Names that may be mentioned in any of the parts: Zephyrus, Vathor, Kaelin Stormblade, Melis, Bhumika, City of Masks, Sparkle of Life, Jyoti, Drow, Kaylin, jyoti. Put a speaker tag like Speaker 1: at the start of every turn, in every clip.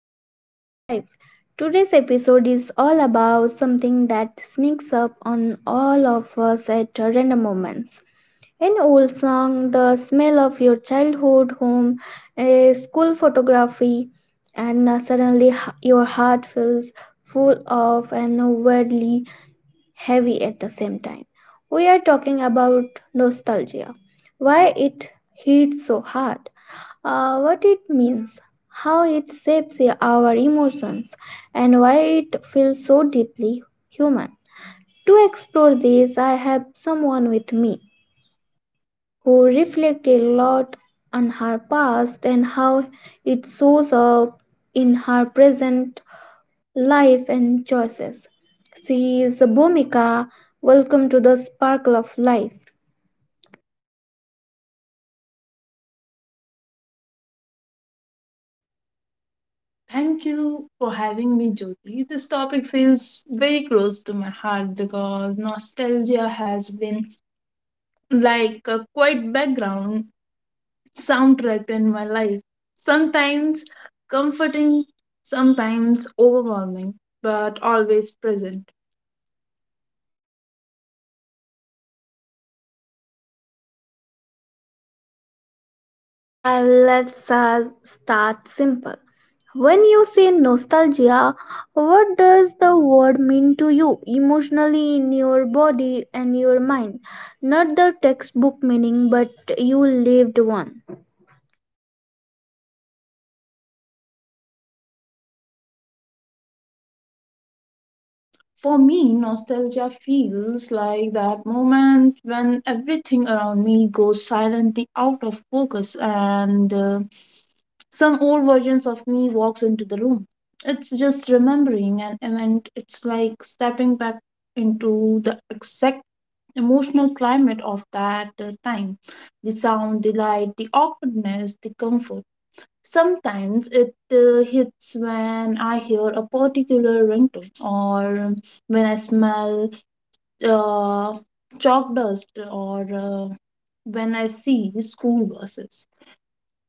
Speaker 1: to Sparkle of Life. Today's episode is all about something that sneaks up on all of us at random moments. An old song, the smell of your childhood home, a school photography, and suddenly your heart feels full of and weirdly heavy at the same time. We are talking about nostalgia, why it hits so hard, what it means, how it shapes our emotions, and why it feels so deeply human. To explore this, I have someone with me who reflected a lot on her past and how it shows up in her present life and choices. She is Bhumika. Welcome to the Sparkle of Life.
Speaker 2: Thank you for having me, Jyoti. This topic feels very close to my heart because nostalgia has been like a quiet background soundtrack in my life. Sometimes comforting, sometimes overwhelming, but always present.
Speaker 1: Let's start simple. When you say nostalgia, what does the word mean to you emotionally in your body and your mind? Not the textbook meaning, but you lived one.
Speaker 2: For me, nostalgia feels like that moment when everything around me goes silently out of focus and some old versions of me walks into the room. It's just remembering an event. It's like stepping back into the exact emotional climate of that time. The sound, the light, the awkwardness, the comfort. Sometimes it hits when I hear a particular ringtone or when I smell uh, chalk dust or when I see school buses.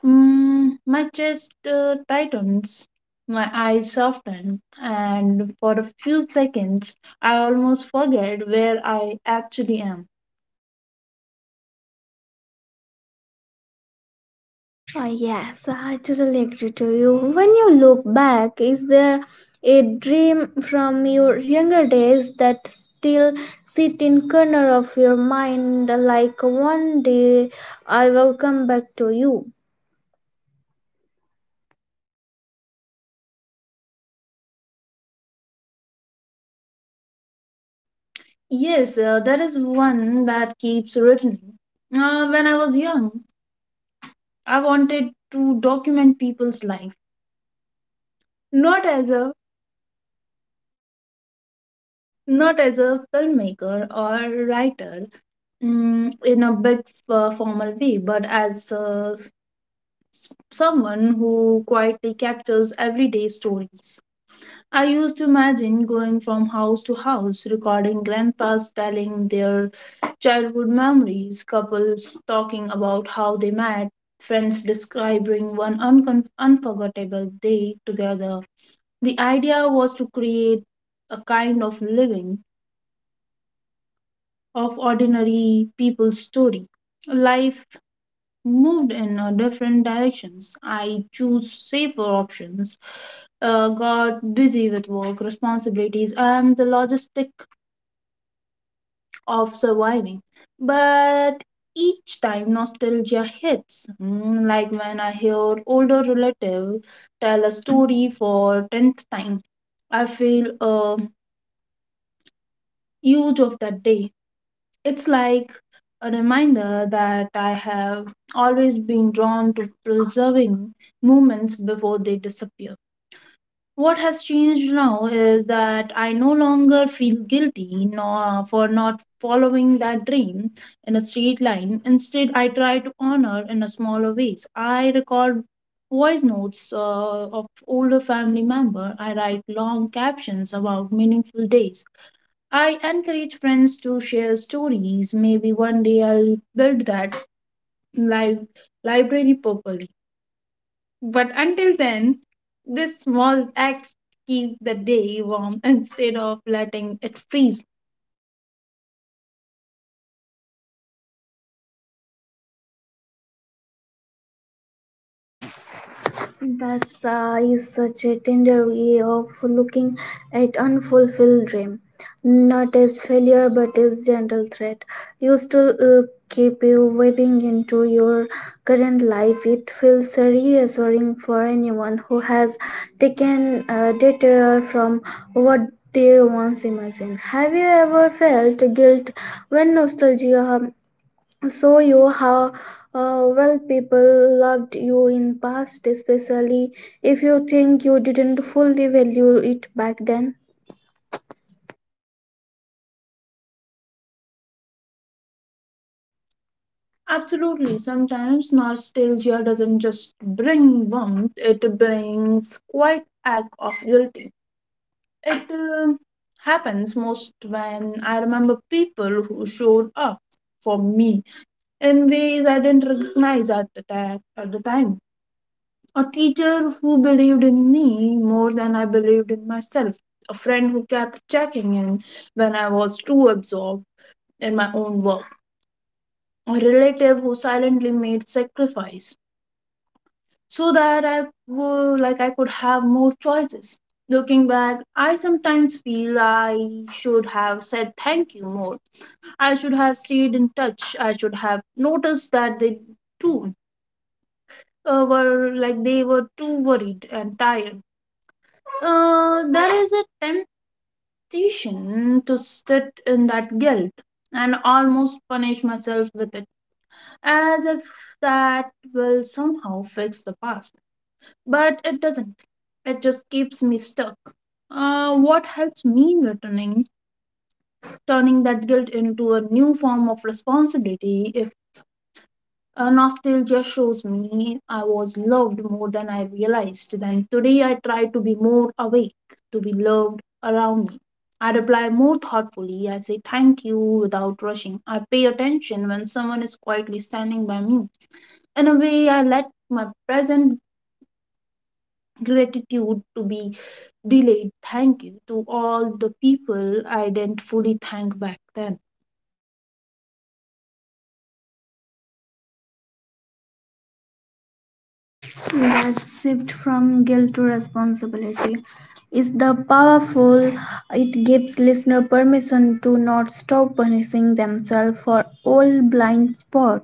Speaker 2: My chest tightens, my eyes soften, and for a few seconds, I almost forget where I actually am.
Speaker 1: Yes, I totally agree to you. When you look back, is there a dream from your younger days that still sit in corner of your mind like one day I will come back to you?
Speaker 2: Yes, that is one that keeps returning. When I was young, I wanted to document people's life, not as a not as a filmmaker or writer, in a big formal way, but as a someone who quietly captures everyday stories. I used to imagine going from house to house, recording grandpas telling their childhood memories, couples talking about how they met, friends describing one uncon unforgettable day together. The idea was to create a kind of living of ordinary people's story, life moved in different directions. I choose safer options, got busy with work responsibilities and the logistic of surviving. But each time nostalgia hits, like when I hear older relative tell a story for tenth time, I feel a huge of that day. It's like a reminder that I have always been drawn to preserving moments before they disappear. What has changed now is that I no longer feel guilty nor for not following that dream in a straight line. Instead, I try to honor in a smaller ways. I record voice notes of older family member. I write long captions about meaningful days. I encourage friends to share stories. Maybe one day I'll build that live library properly. But until then, this small acts keep the day warm instead of letting it freeze.
Speaker 1: That is such a tender way of looking at unfulfilled dream, not as failure but as gentle threat. You still keep you weaving into your current life. It feels reassuring for anyone who has taken a detour from what they once imagined. Have you ever felt guilt when nostalgia so you how well people loved you in past, especially if you think you didn't fully value it back then?
Speaker 2: Absolutely. Sometimes nostalgia doesn't just bring warmth, it brings quite act of guilty. It happens most when I remember people who showed up for me in ways I didn't recognize at the time. A teacher who believed in me more than I believed in myself. A friend who kept checking in when I was too absorbed in my own work. A relative who silently made sacrifice so that I would, like I could have more choices. Looking back, I sometimes feel I should have said thank you more. I should have stayed in touch. I should have noticed that they too were like they were too worried and tired. There is a temptation to sit in that guilt and almost punish myself with it, as if that will somehow fix the past. But it doesn't. It just keeps me stuck. What helps me turning that guilt into a new form of responsibility, if nostalgia shows me I was loved more than I realized. Then today I try to be more awake, to be loved around me. I reply more thoughtfully. I say thank you without rushing. I pay attention when someone is quietly standing by me. In a way, I let my present gratitude to be delayed. Thank you to all the people I didn't fully thank back then.
Speaker 1: That shift from guilt to responsibility is the powerful. It gives listener permission to not stop punishing themselves for old blind spot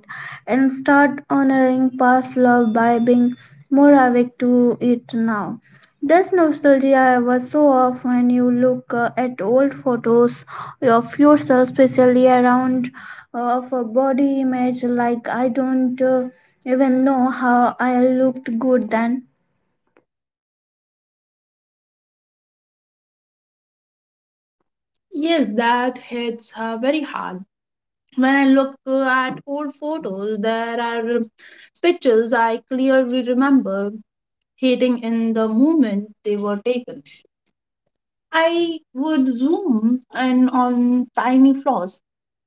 Speaker 1: and start honoring past love by being more awake to it now. Does nostalgia ever show up when you look at old photos of yourself, especially around of a body image, like I don't even know how I looked good then.
Speaker 2: Yes, that hits her very hard when I look at old photos, there are pictures I clearly remember hating in the moment they were taken. I would zoom in on tiny flaws,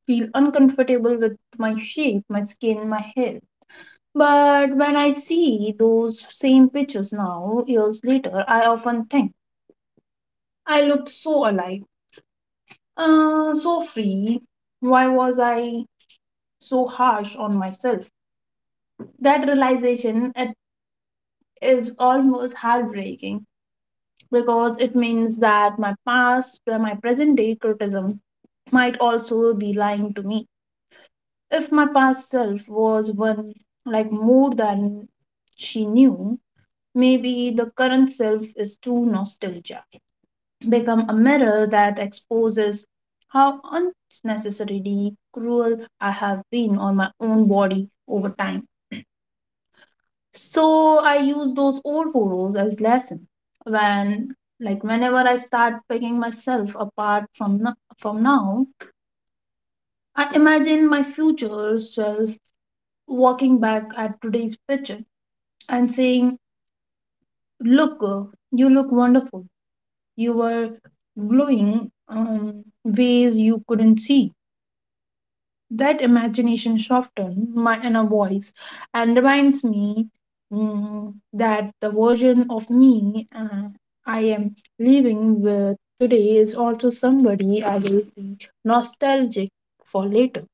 Speaker 2: feel uncomfortable with my shape, my skin, my hair. But when I see those same pictures now, years later, I often think I looked so alive, so free. Why was I so harsh on myself? That realization, it is almost heartbreaking because it means that my past, my present day criticism might also be lying to me. If my past self was one like more than she knew, maybe the current self is too nostalgic, become a mirror that exposes how unnecessarily cruel I have been on my own body over time. So I use those old photos as lesson when whenever I start picking myself apart from no- from now. I imagine my future self walking back at today's picture and saying, look girl, you look wonderful. You were glowing ways you couldn't see. That imagination softened my inner voice and reminds me that the version of me I am living with today is also somebody I will be nostalgic for later.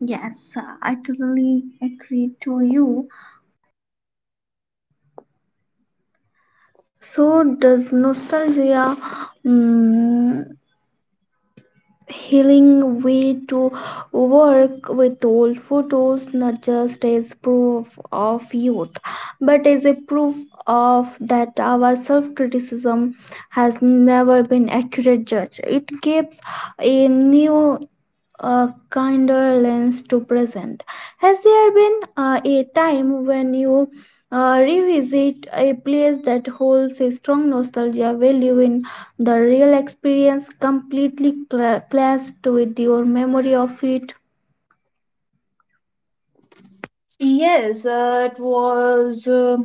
Speaker 1: Yes, I totally agree to you. So, does nostalgia, mm, healing way to work with old photos, not just as proof of youth, but as a proof of that our self criticism has never been accurate judge? It gives a new a kinder lens to present. Has there been a time when you revisit a place that holds a strong nostalgia value in the real experience, completely clashed with your memory of it?
Speaker 2: Yes, it was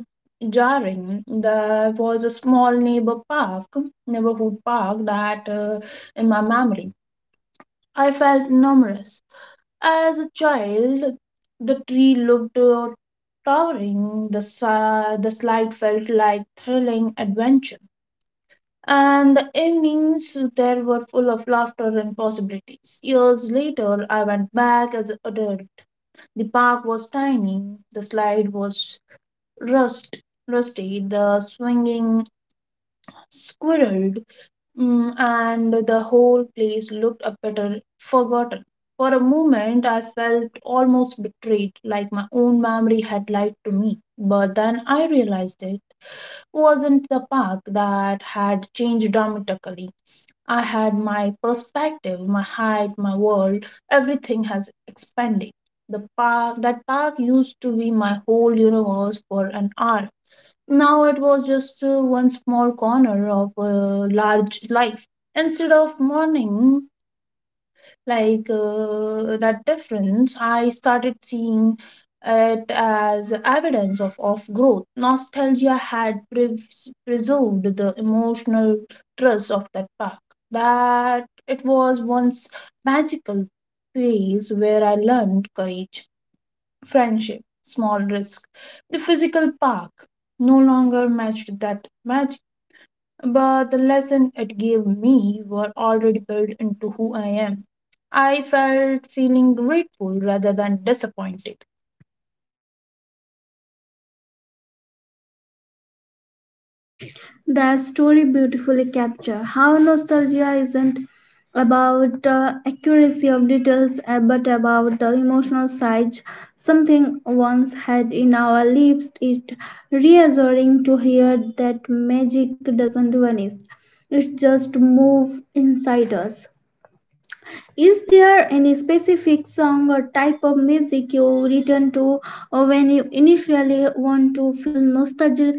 Speaker 2: jarring. There was a small neighborhood park that in my memory, I felt numerous. As a child, the tree looked towering, the slide felt like thrilling adventure. And the evenings there were full of laughter and possibilities. Years later, I went back as an adult. The park was tiny, the slide was rust, rusty, the swinging squirrel. And the whole place looked a better forgotten. For a moment, I felt almost betrayed, like my own memory had lied to me. But then I realized it wasn't the park that had changed dramatically. I had my perspective, my height, my world, everything has expanded. That park used to be my whole universe for an hour. Now it was just one small corner of a large life. Instead of mourning that difference, I started seeing it as evidence of growth. Nostalgia had preserved the emotional trust of that park, that it was once magical place where I learned courage friendship, small risk. The physical park no longer matched that magic, but the lesson it gave me were already built into who I am. I felt feeling grateful rather than disappointed.
Speaker 1: That story beautifully captures how nostalgia isn't about the accuracy of details, but about the emotional side something once had in our lives. It reassuring to hear that magic doesn't vanish, it just moves inside us. Is there any specific song or type of music you return to when you initially want to feel nostalgic?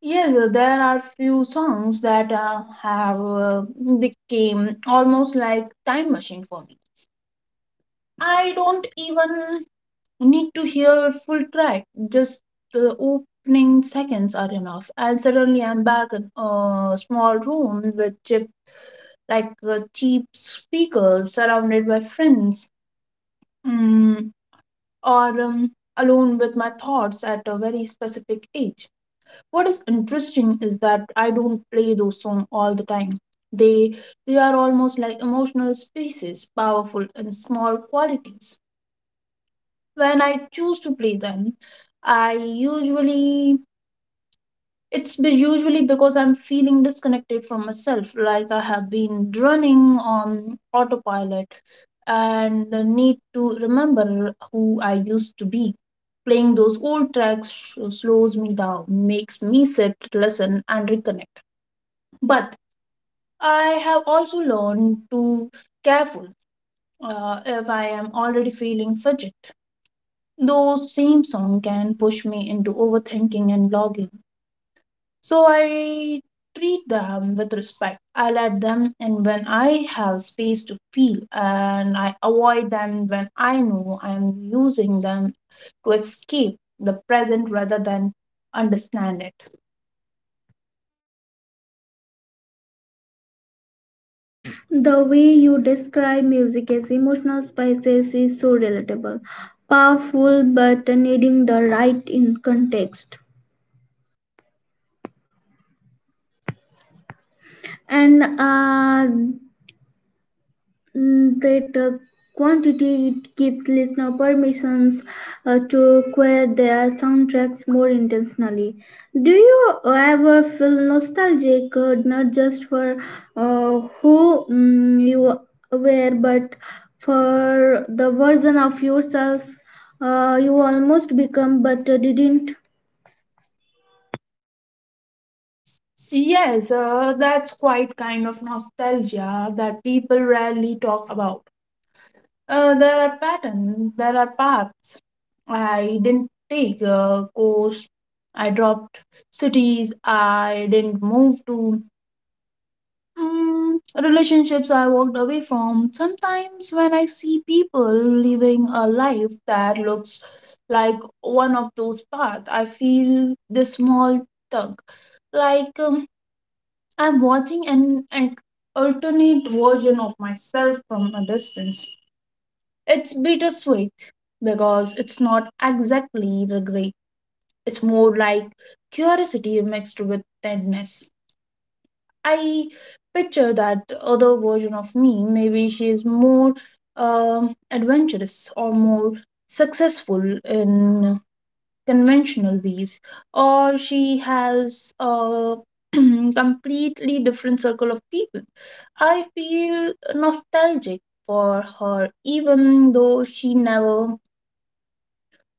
Speaker 2: Yes, there are few songs that have they came almost like time machine for me. I don't even I need to hear full track. Just the opening seconds are enough, and suddenly I'm back in a small room with cheap, cheap speakers, surrounded by friends, mm, or alone with my thoughts at a very specific age. What is interesting is that I don't play those songs all the time. They they are almost like emotional spaces, powerful and small qualities. When I choose to play them, I usually it's usually because I'm feeling disconnected from myself, like I have been running on autopilot and need to remember who I used to be. Playing those old tracks slows me down, makes me sit, listen, and reconnect. But I have also learned to careful if I am already feeling fidget. Those same song can push me into overthinking and blogging. So I treat them with respect. I let them in when I have space to feel and I avoid them when I know I am using them to escape the present rather than understand it.
Speaker 1: The way you describe music as emotional spices is so relatable, powerful, but needing the right in context. And Mm, that quantity it gives listener permissions to acquire their soundtracks more intentionally. Do you ever feel nostalgic, not just for who you were, but for the version of yourself you almost become but didn't?
Speaker 2: Yes, that's quite kind of nostalgia that people rarely talk about. There are patterns, there are paths. I didn't take a course, I dropped cities, I didn't move to mm, relationships I walked away from. Sometimes when I see people living a life that looks like one of those paths, I feel this small tug. Like I'm watching an alternate version of myself from a distance. It's bittersweet because it's not exactly regret. It's more like curiosity mixed with tenderness. I picture that other version of me. Maybe she is more adventurous or more successful in conventional ways, or she has a completely different circle of people. I feel nostalgic for her, even though she never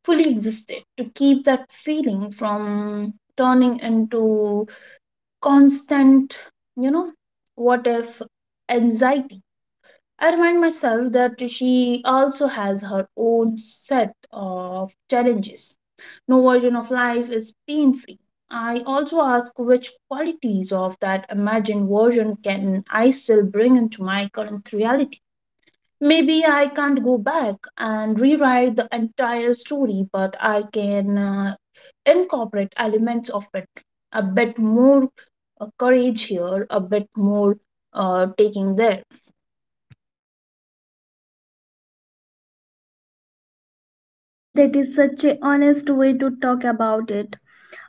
Speaker 2: fully existed. To keep that feeling from turning into constant, you know, what if anxiety. I remind myself that she also has her own set of challenges. No version of life is pain free. I also ask which qualities of that imagined version can I still bring into my current reality? Maybe I can't go back and rewrite the entire story, but I can incorporate elements of it. A bit more courage here, a bit more taking there.
Speaker 1: That is such a honest way to talk about it.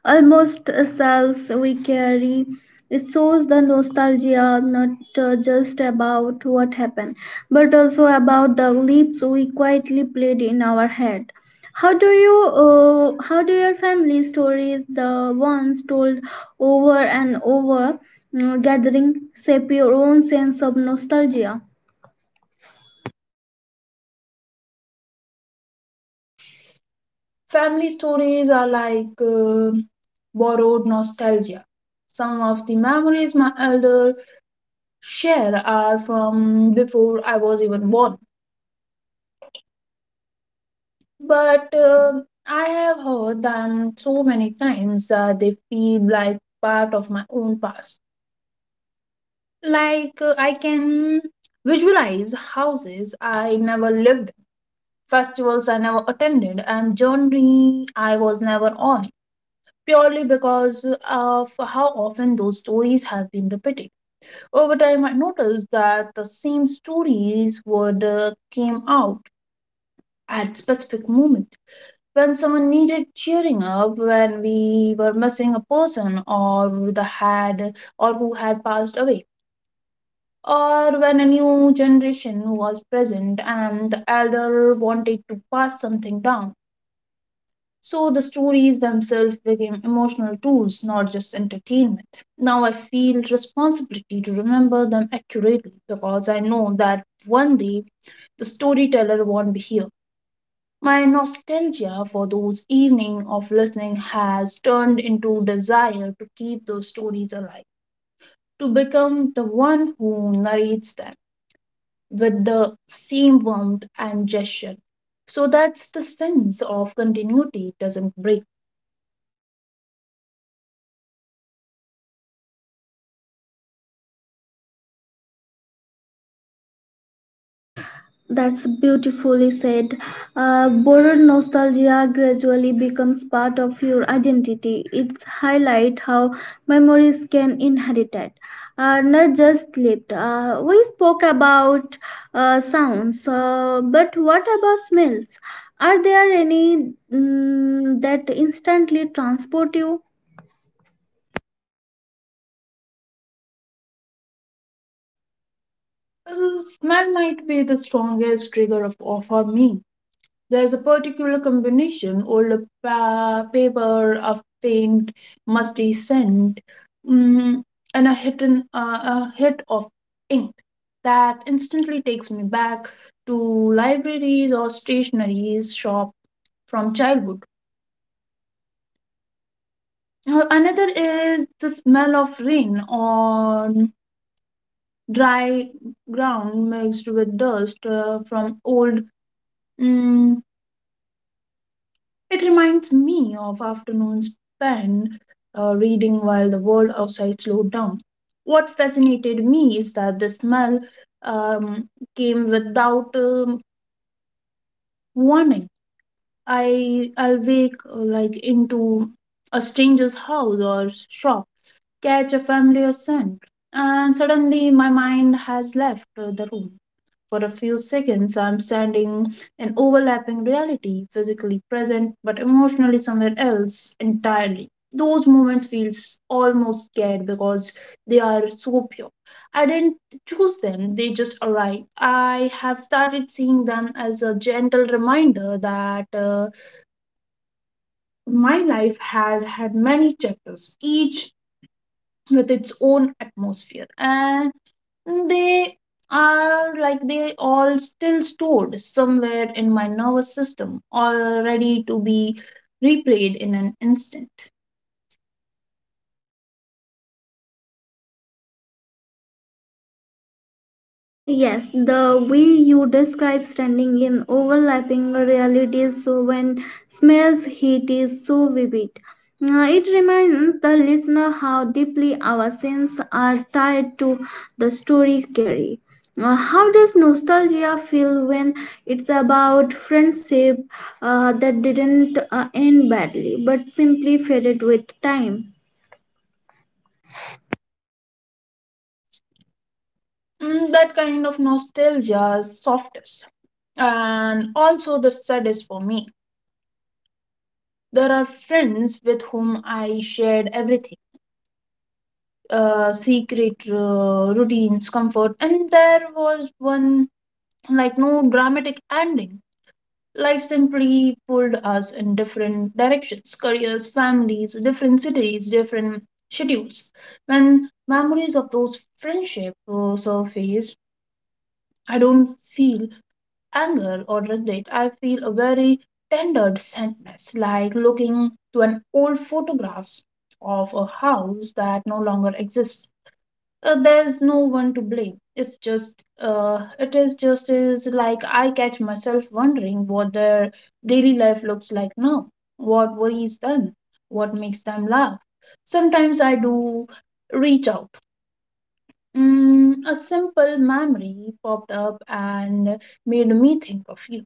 Speaker 1: Almost selves we carry. It shows the nostalgia not just about what happened, but also about the leaps we quietly played in our head. How do you, how do your family stories, the ones told over and over, gathering, shape your own sense of nostalgia?
Speaker 2: Family stories are like borrowed nostalgia. Some of the memories my elder share are from before I was even born. But I have heard them so many times that they feel like part of my own past. Like I can visualize houses I never lived in, festivals I never attended, and journey I was never on. Purely because of how often those stories have been repeated. Over time, I noticed that the same stories would came out at specific moments when someone needed cheering up, when we were missing a person or the had or who had passed away, or when a new generation was present and the elder wanted to pass something down. So the stories themselves became emotional tools, not just entertainment. Now I feel responsibility to remember them accurately because I know that one day the storyteller won't be here. My nostalgia for those evenings of listening has turned into desire to keep those stories alive, to become the one who narrates them with the same warmth and gesture, so that the sense of continuity doesn't break.
Speaker 1: That's beautifully said. Boron nostalgia gradually becomes part of your identity. It's highlight how memories can inherit it, not just lived. We spoke about sounds, but what about smells? Are there any that instantly transport you?
Speaker 2: Uh, Smell might be the strongest trigger of for me. There's a particular combination old paper, a faint, musty scent, mm, and a hit of ink that instantly takes me back to libraries or stationery's shop from childhood. Another is the smell of rain on dry ground mixed with dust from old, mm, it reminds me of afternoons spent reading while the world outside slowed down. What fascinated me is that the smell um, came without warning. I'll wake like into a stranger's house or shop, catch a familiar scent, and suddenly my mind has left the room. For a few seconds, I'm standing in overlapping reality, physically present but emotionally somewhere else entirely. Those moments feels almost scared because they are so pure. I didn't choose them, they just arrived. I have started seeing them as a gentle reminder that my life has had many chapters, each with its own atmosphere, and they are like they all still stored somewhere in my nervous system, all ready to be replayed in an instant.
Speaker 1: Yes, the way you describe standing in overlapping realities so when smells heat is so vivid. It reminds the listener how deeply our sins are tied to the story carry. How does nostalgia feel when it's about friendship that didn't end badly but simply faded with time?
Speaker 2: Mm, that kind of nostalgia is softest and also the saddest for me. There are friends with whom I shared everything, secret, routines, comfort, and there was one, like, no dramatic ending. Life simply pulled us in different directions, careers, families, different cities, different schedules. When memories of those friendships surface, I don't feel anger or regret. I feel a very tender sadness, like looking to an old photographs of a house that no longer exists. There's no one to blame, it's just it is just is, like I catch myself wondering what their daily life looks like now, what worries them, what makes them laugh. Sometimes I do reach out. Mm, a simple memory popped up and made me think of you.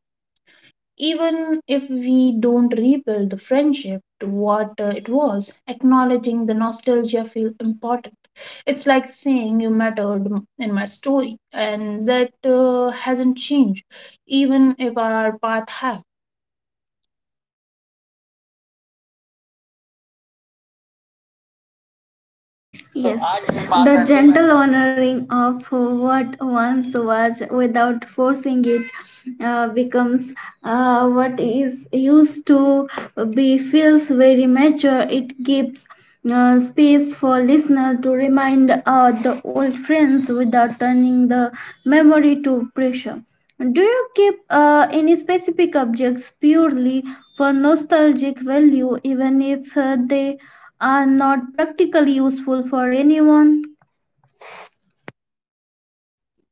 Speaker 2: Even if we don't rebuild the friendship to what it was, acknowledging the nostalgia feels important. It's like saying you mattered in my story, and that hasn't changed, even if our path have.
Speaker 1: So yes, आज हम बात the करने वाली gentle honoring of what once was without forcing it becomes what is used to be feels very mature. It gives space for listener to remind the old friends without turning the memory to pressure. Do you keep any specific objects purely for nostalgic value, even if they are not practically useful for anyone?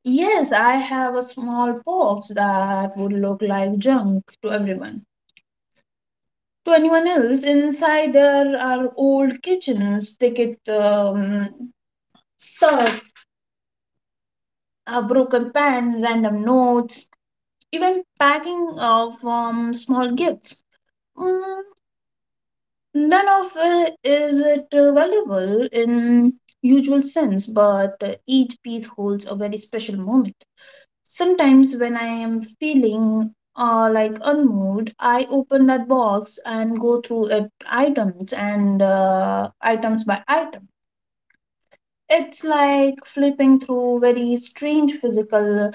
Speaker 2: Yes, I have a small box that would look like junk to everyone. To anyone else, inside there are old kitchens, ticket studs, a broken pen, random notes, even packing of small gifts. Mm, none of it valuable in usual sense, but each piece holds a very special moment. Sometimes when I am feeling like unmoved, I open that box and go through it items and items by item. It's like flipping through very strange physical,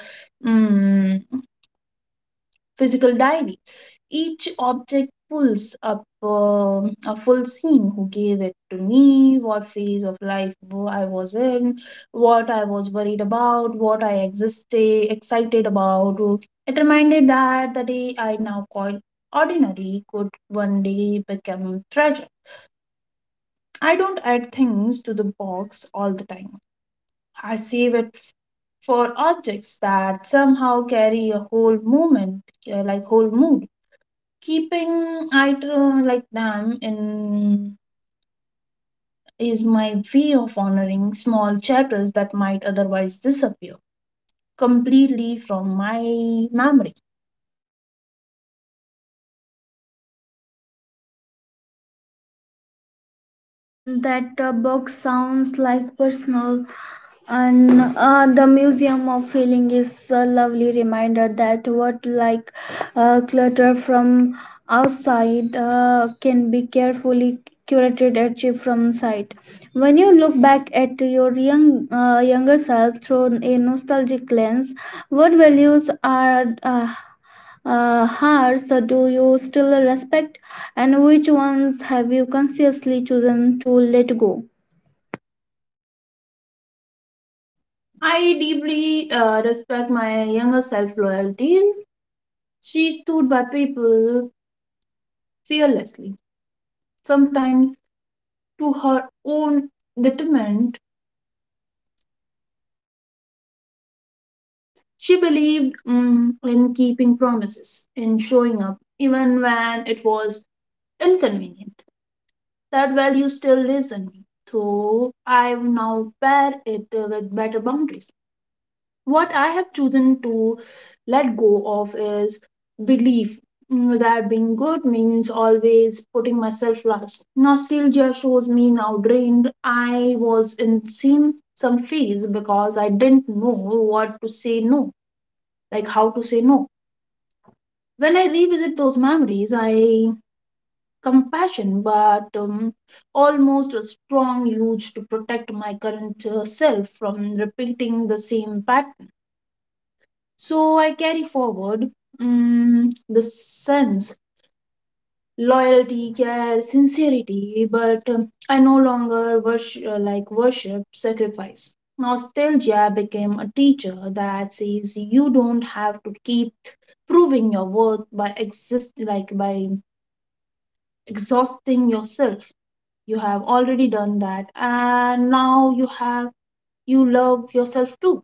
Speaker 2: mm, physical diary. Each object pulls up a full scene, who gave it to me, what phase of life I was in, what I was worried about, excited about. It reminded that the day I now call ordinary could one day become treasure. I don't add things to the box all the time. I save it for objects that somehow carry a whole moment, like whole mood. Keeping items like them in is my way of honoring small chapters that might otherwise disappear completely from my memory.
Speaker 1: That box sounds like personal, and the Museum of Feeling is a lovely reminder that what like clutter from outside can be carefully curated achieved from sight. When you look back at your younger self through a nostalgic lens, what values are hers so do you still respect, and which ones have you consciously chosen to let go?
Speaker 2: I deeply respect my younger self loyalty. She stood by people fearlessly, sometimes to her own detriment. She believed, mm, in keeping promises, in showing up, even when it was inconvenient. That value still lives in me, though I've now paired it with better boundaries. What I have chosen to let go of is belief, mm, that being good means always putting myself last. Nostalgia shows me now drained I was in same some phase because I didn't know what to say no, like how to say no. When I revisit those memories, I compassion, but almost a strong urge to protect my current self from repeating the same pattern. So I carry forward, mm, the sense loyalty, care, sincerity, but I no longer worship, like worship sacrifice. Nostalgia became a teacher that says you don't have to keep proving your worth by exist like by exhausting yourself. You have already done that and now you have, you love yourself too.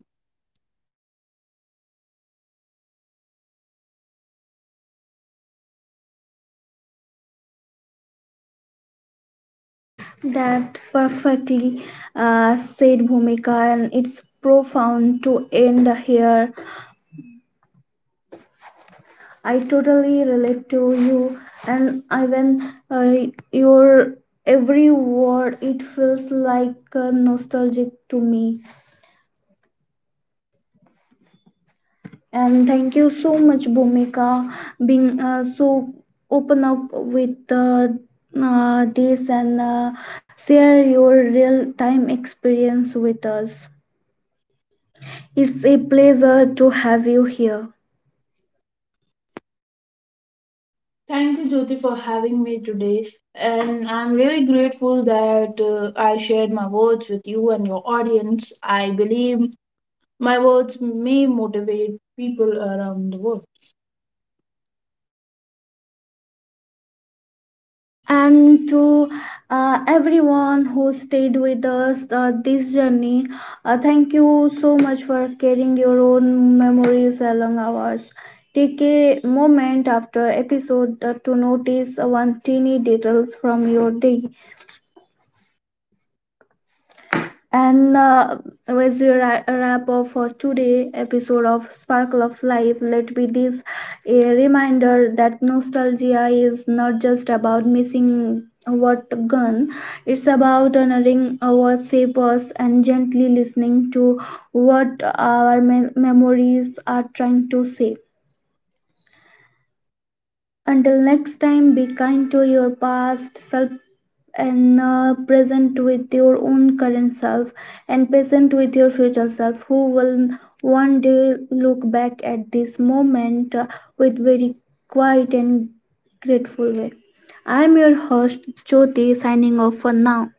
Speaker 1: That perfectly said, Bhumika, and it's profound to end here. I totally relate to you, and even uh, your every word, it feels like nostalgic to me. And thank you so much, Bhumika, being so open up with this and share your real time experience with us. It's a pleasure to have you here.
Speaker 2: Thank you, Jyoti, for having me today, and I'm really grateful that I shared my words with you and your audience. I believe my words may motivate people around the world.
Speaker 1: And to everyone who stayed with us this journey, thank you so much for carrying your own memories along ours. Take a moment after episode to notice one tiny details from your day. And As we wrap up for today episode of Sparkle of Life, let be this a reminder that nostalgia is not just about missing what gone; it's about honoring our shapers and gently listening to what our memories are trying to say. Until next time, be kind to your past self and present with your own current self and patient with your future self who will one day look back at this moment with very quiet and grateful way. I am your host Jyoti, signing off for now.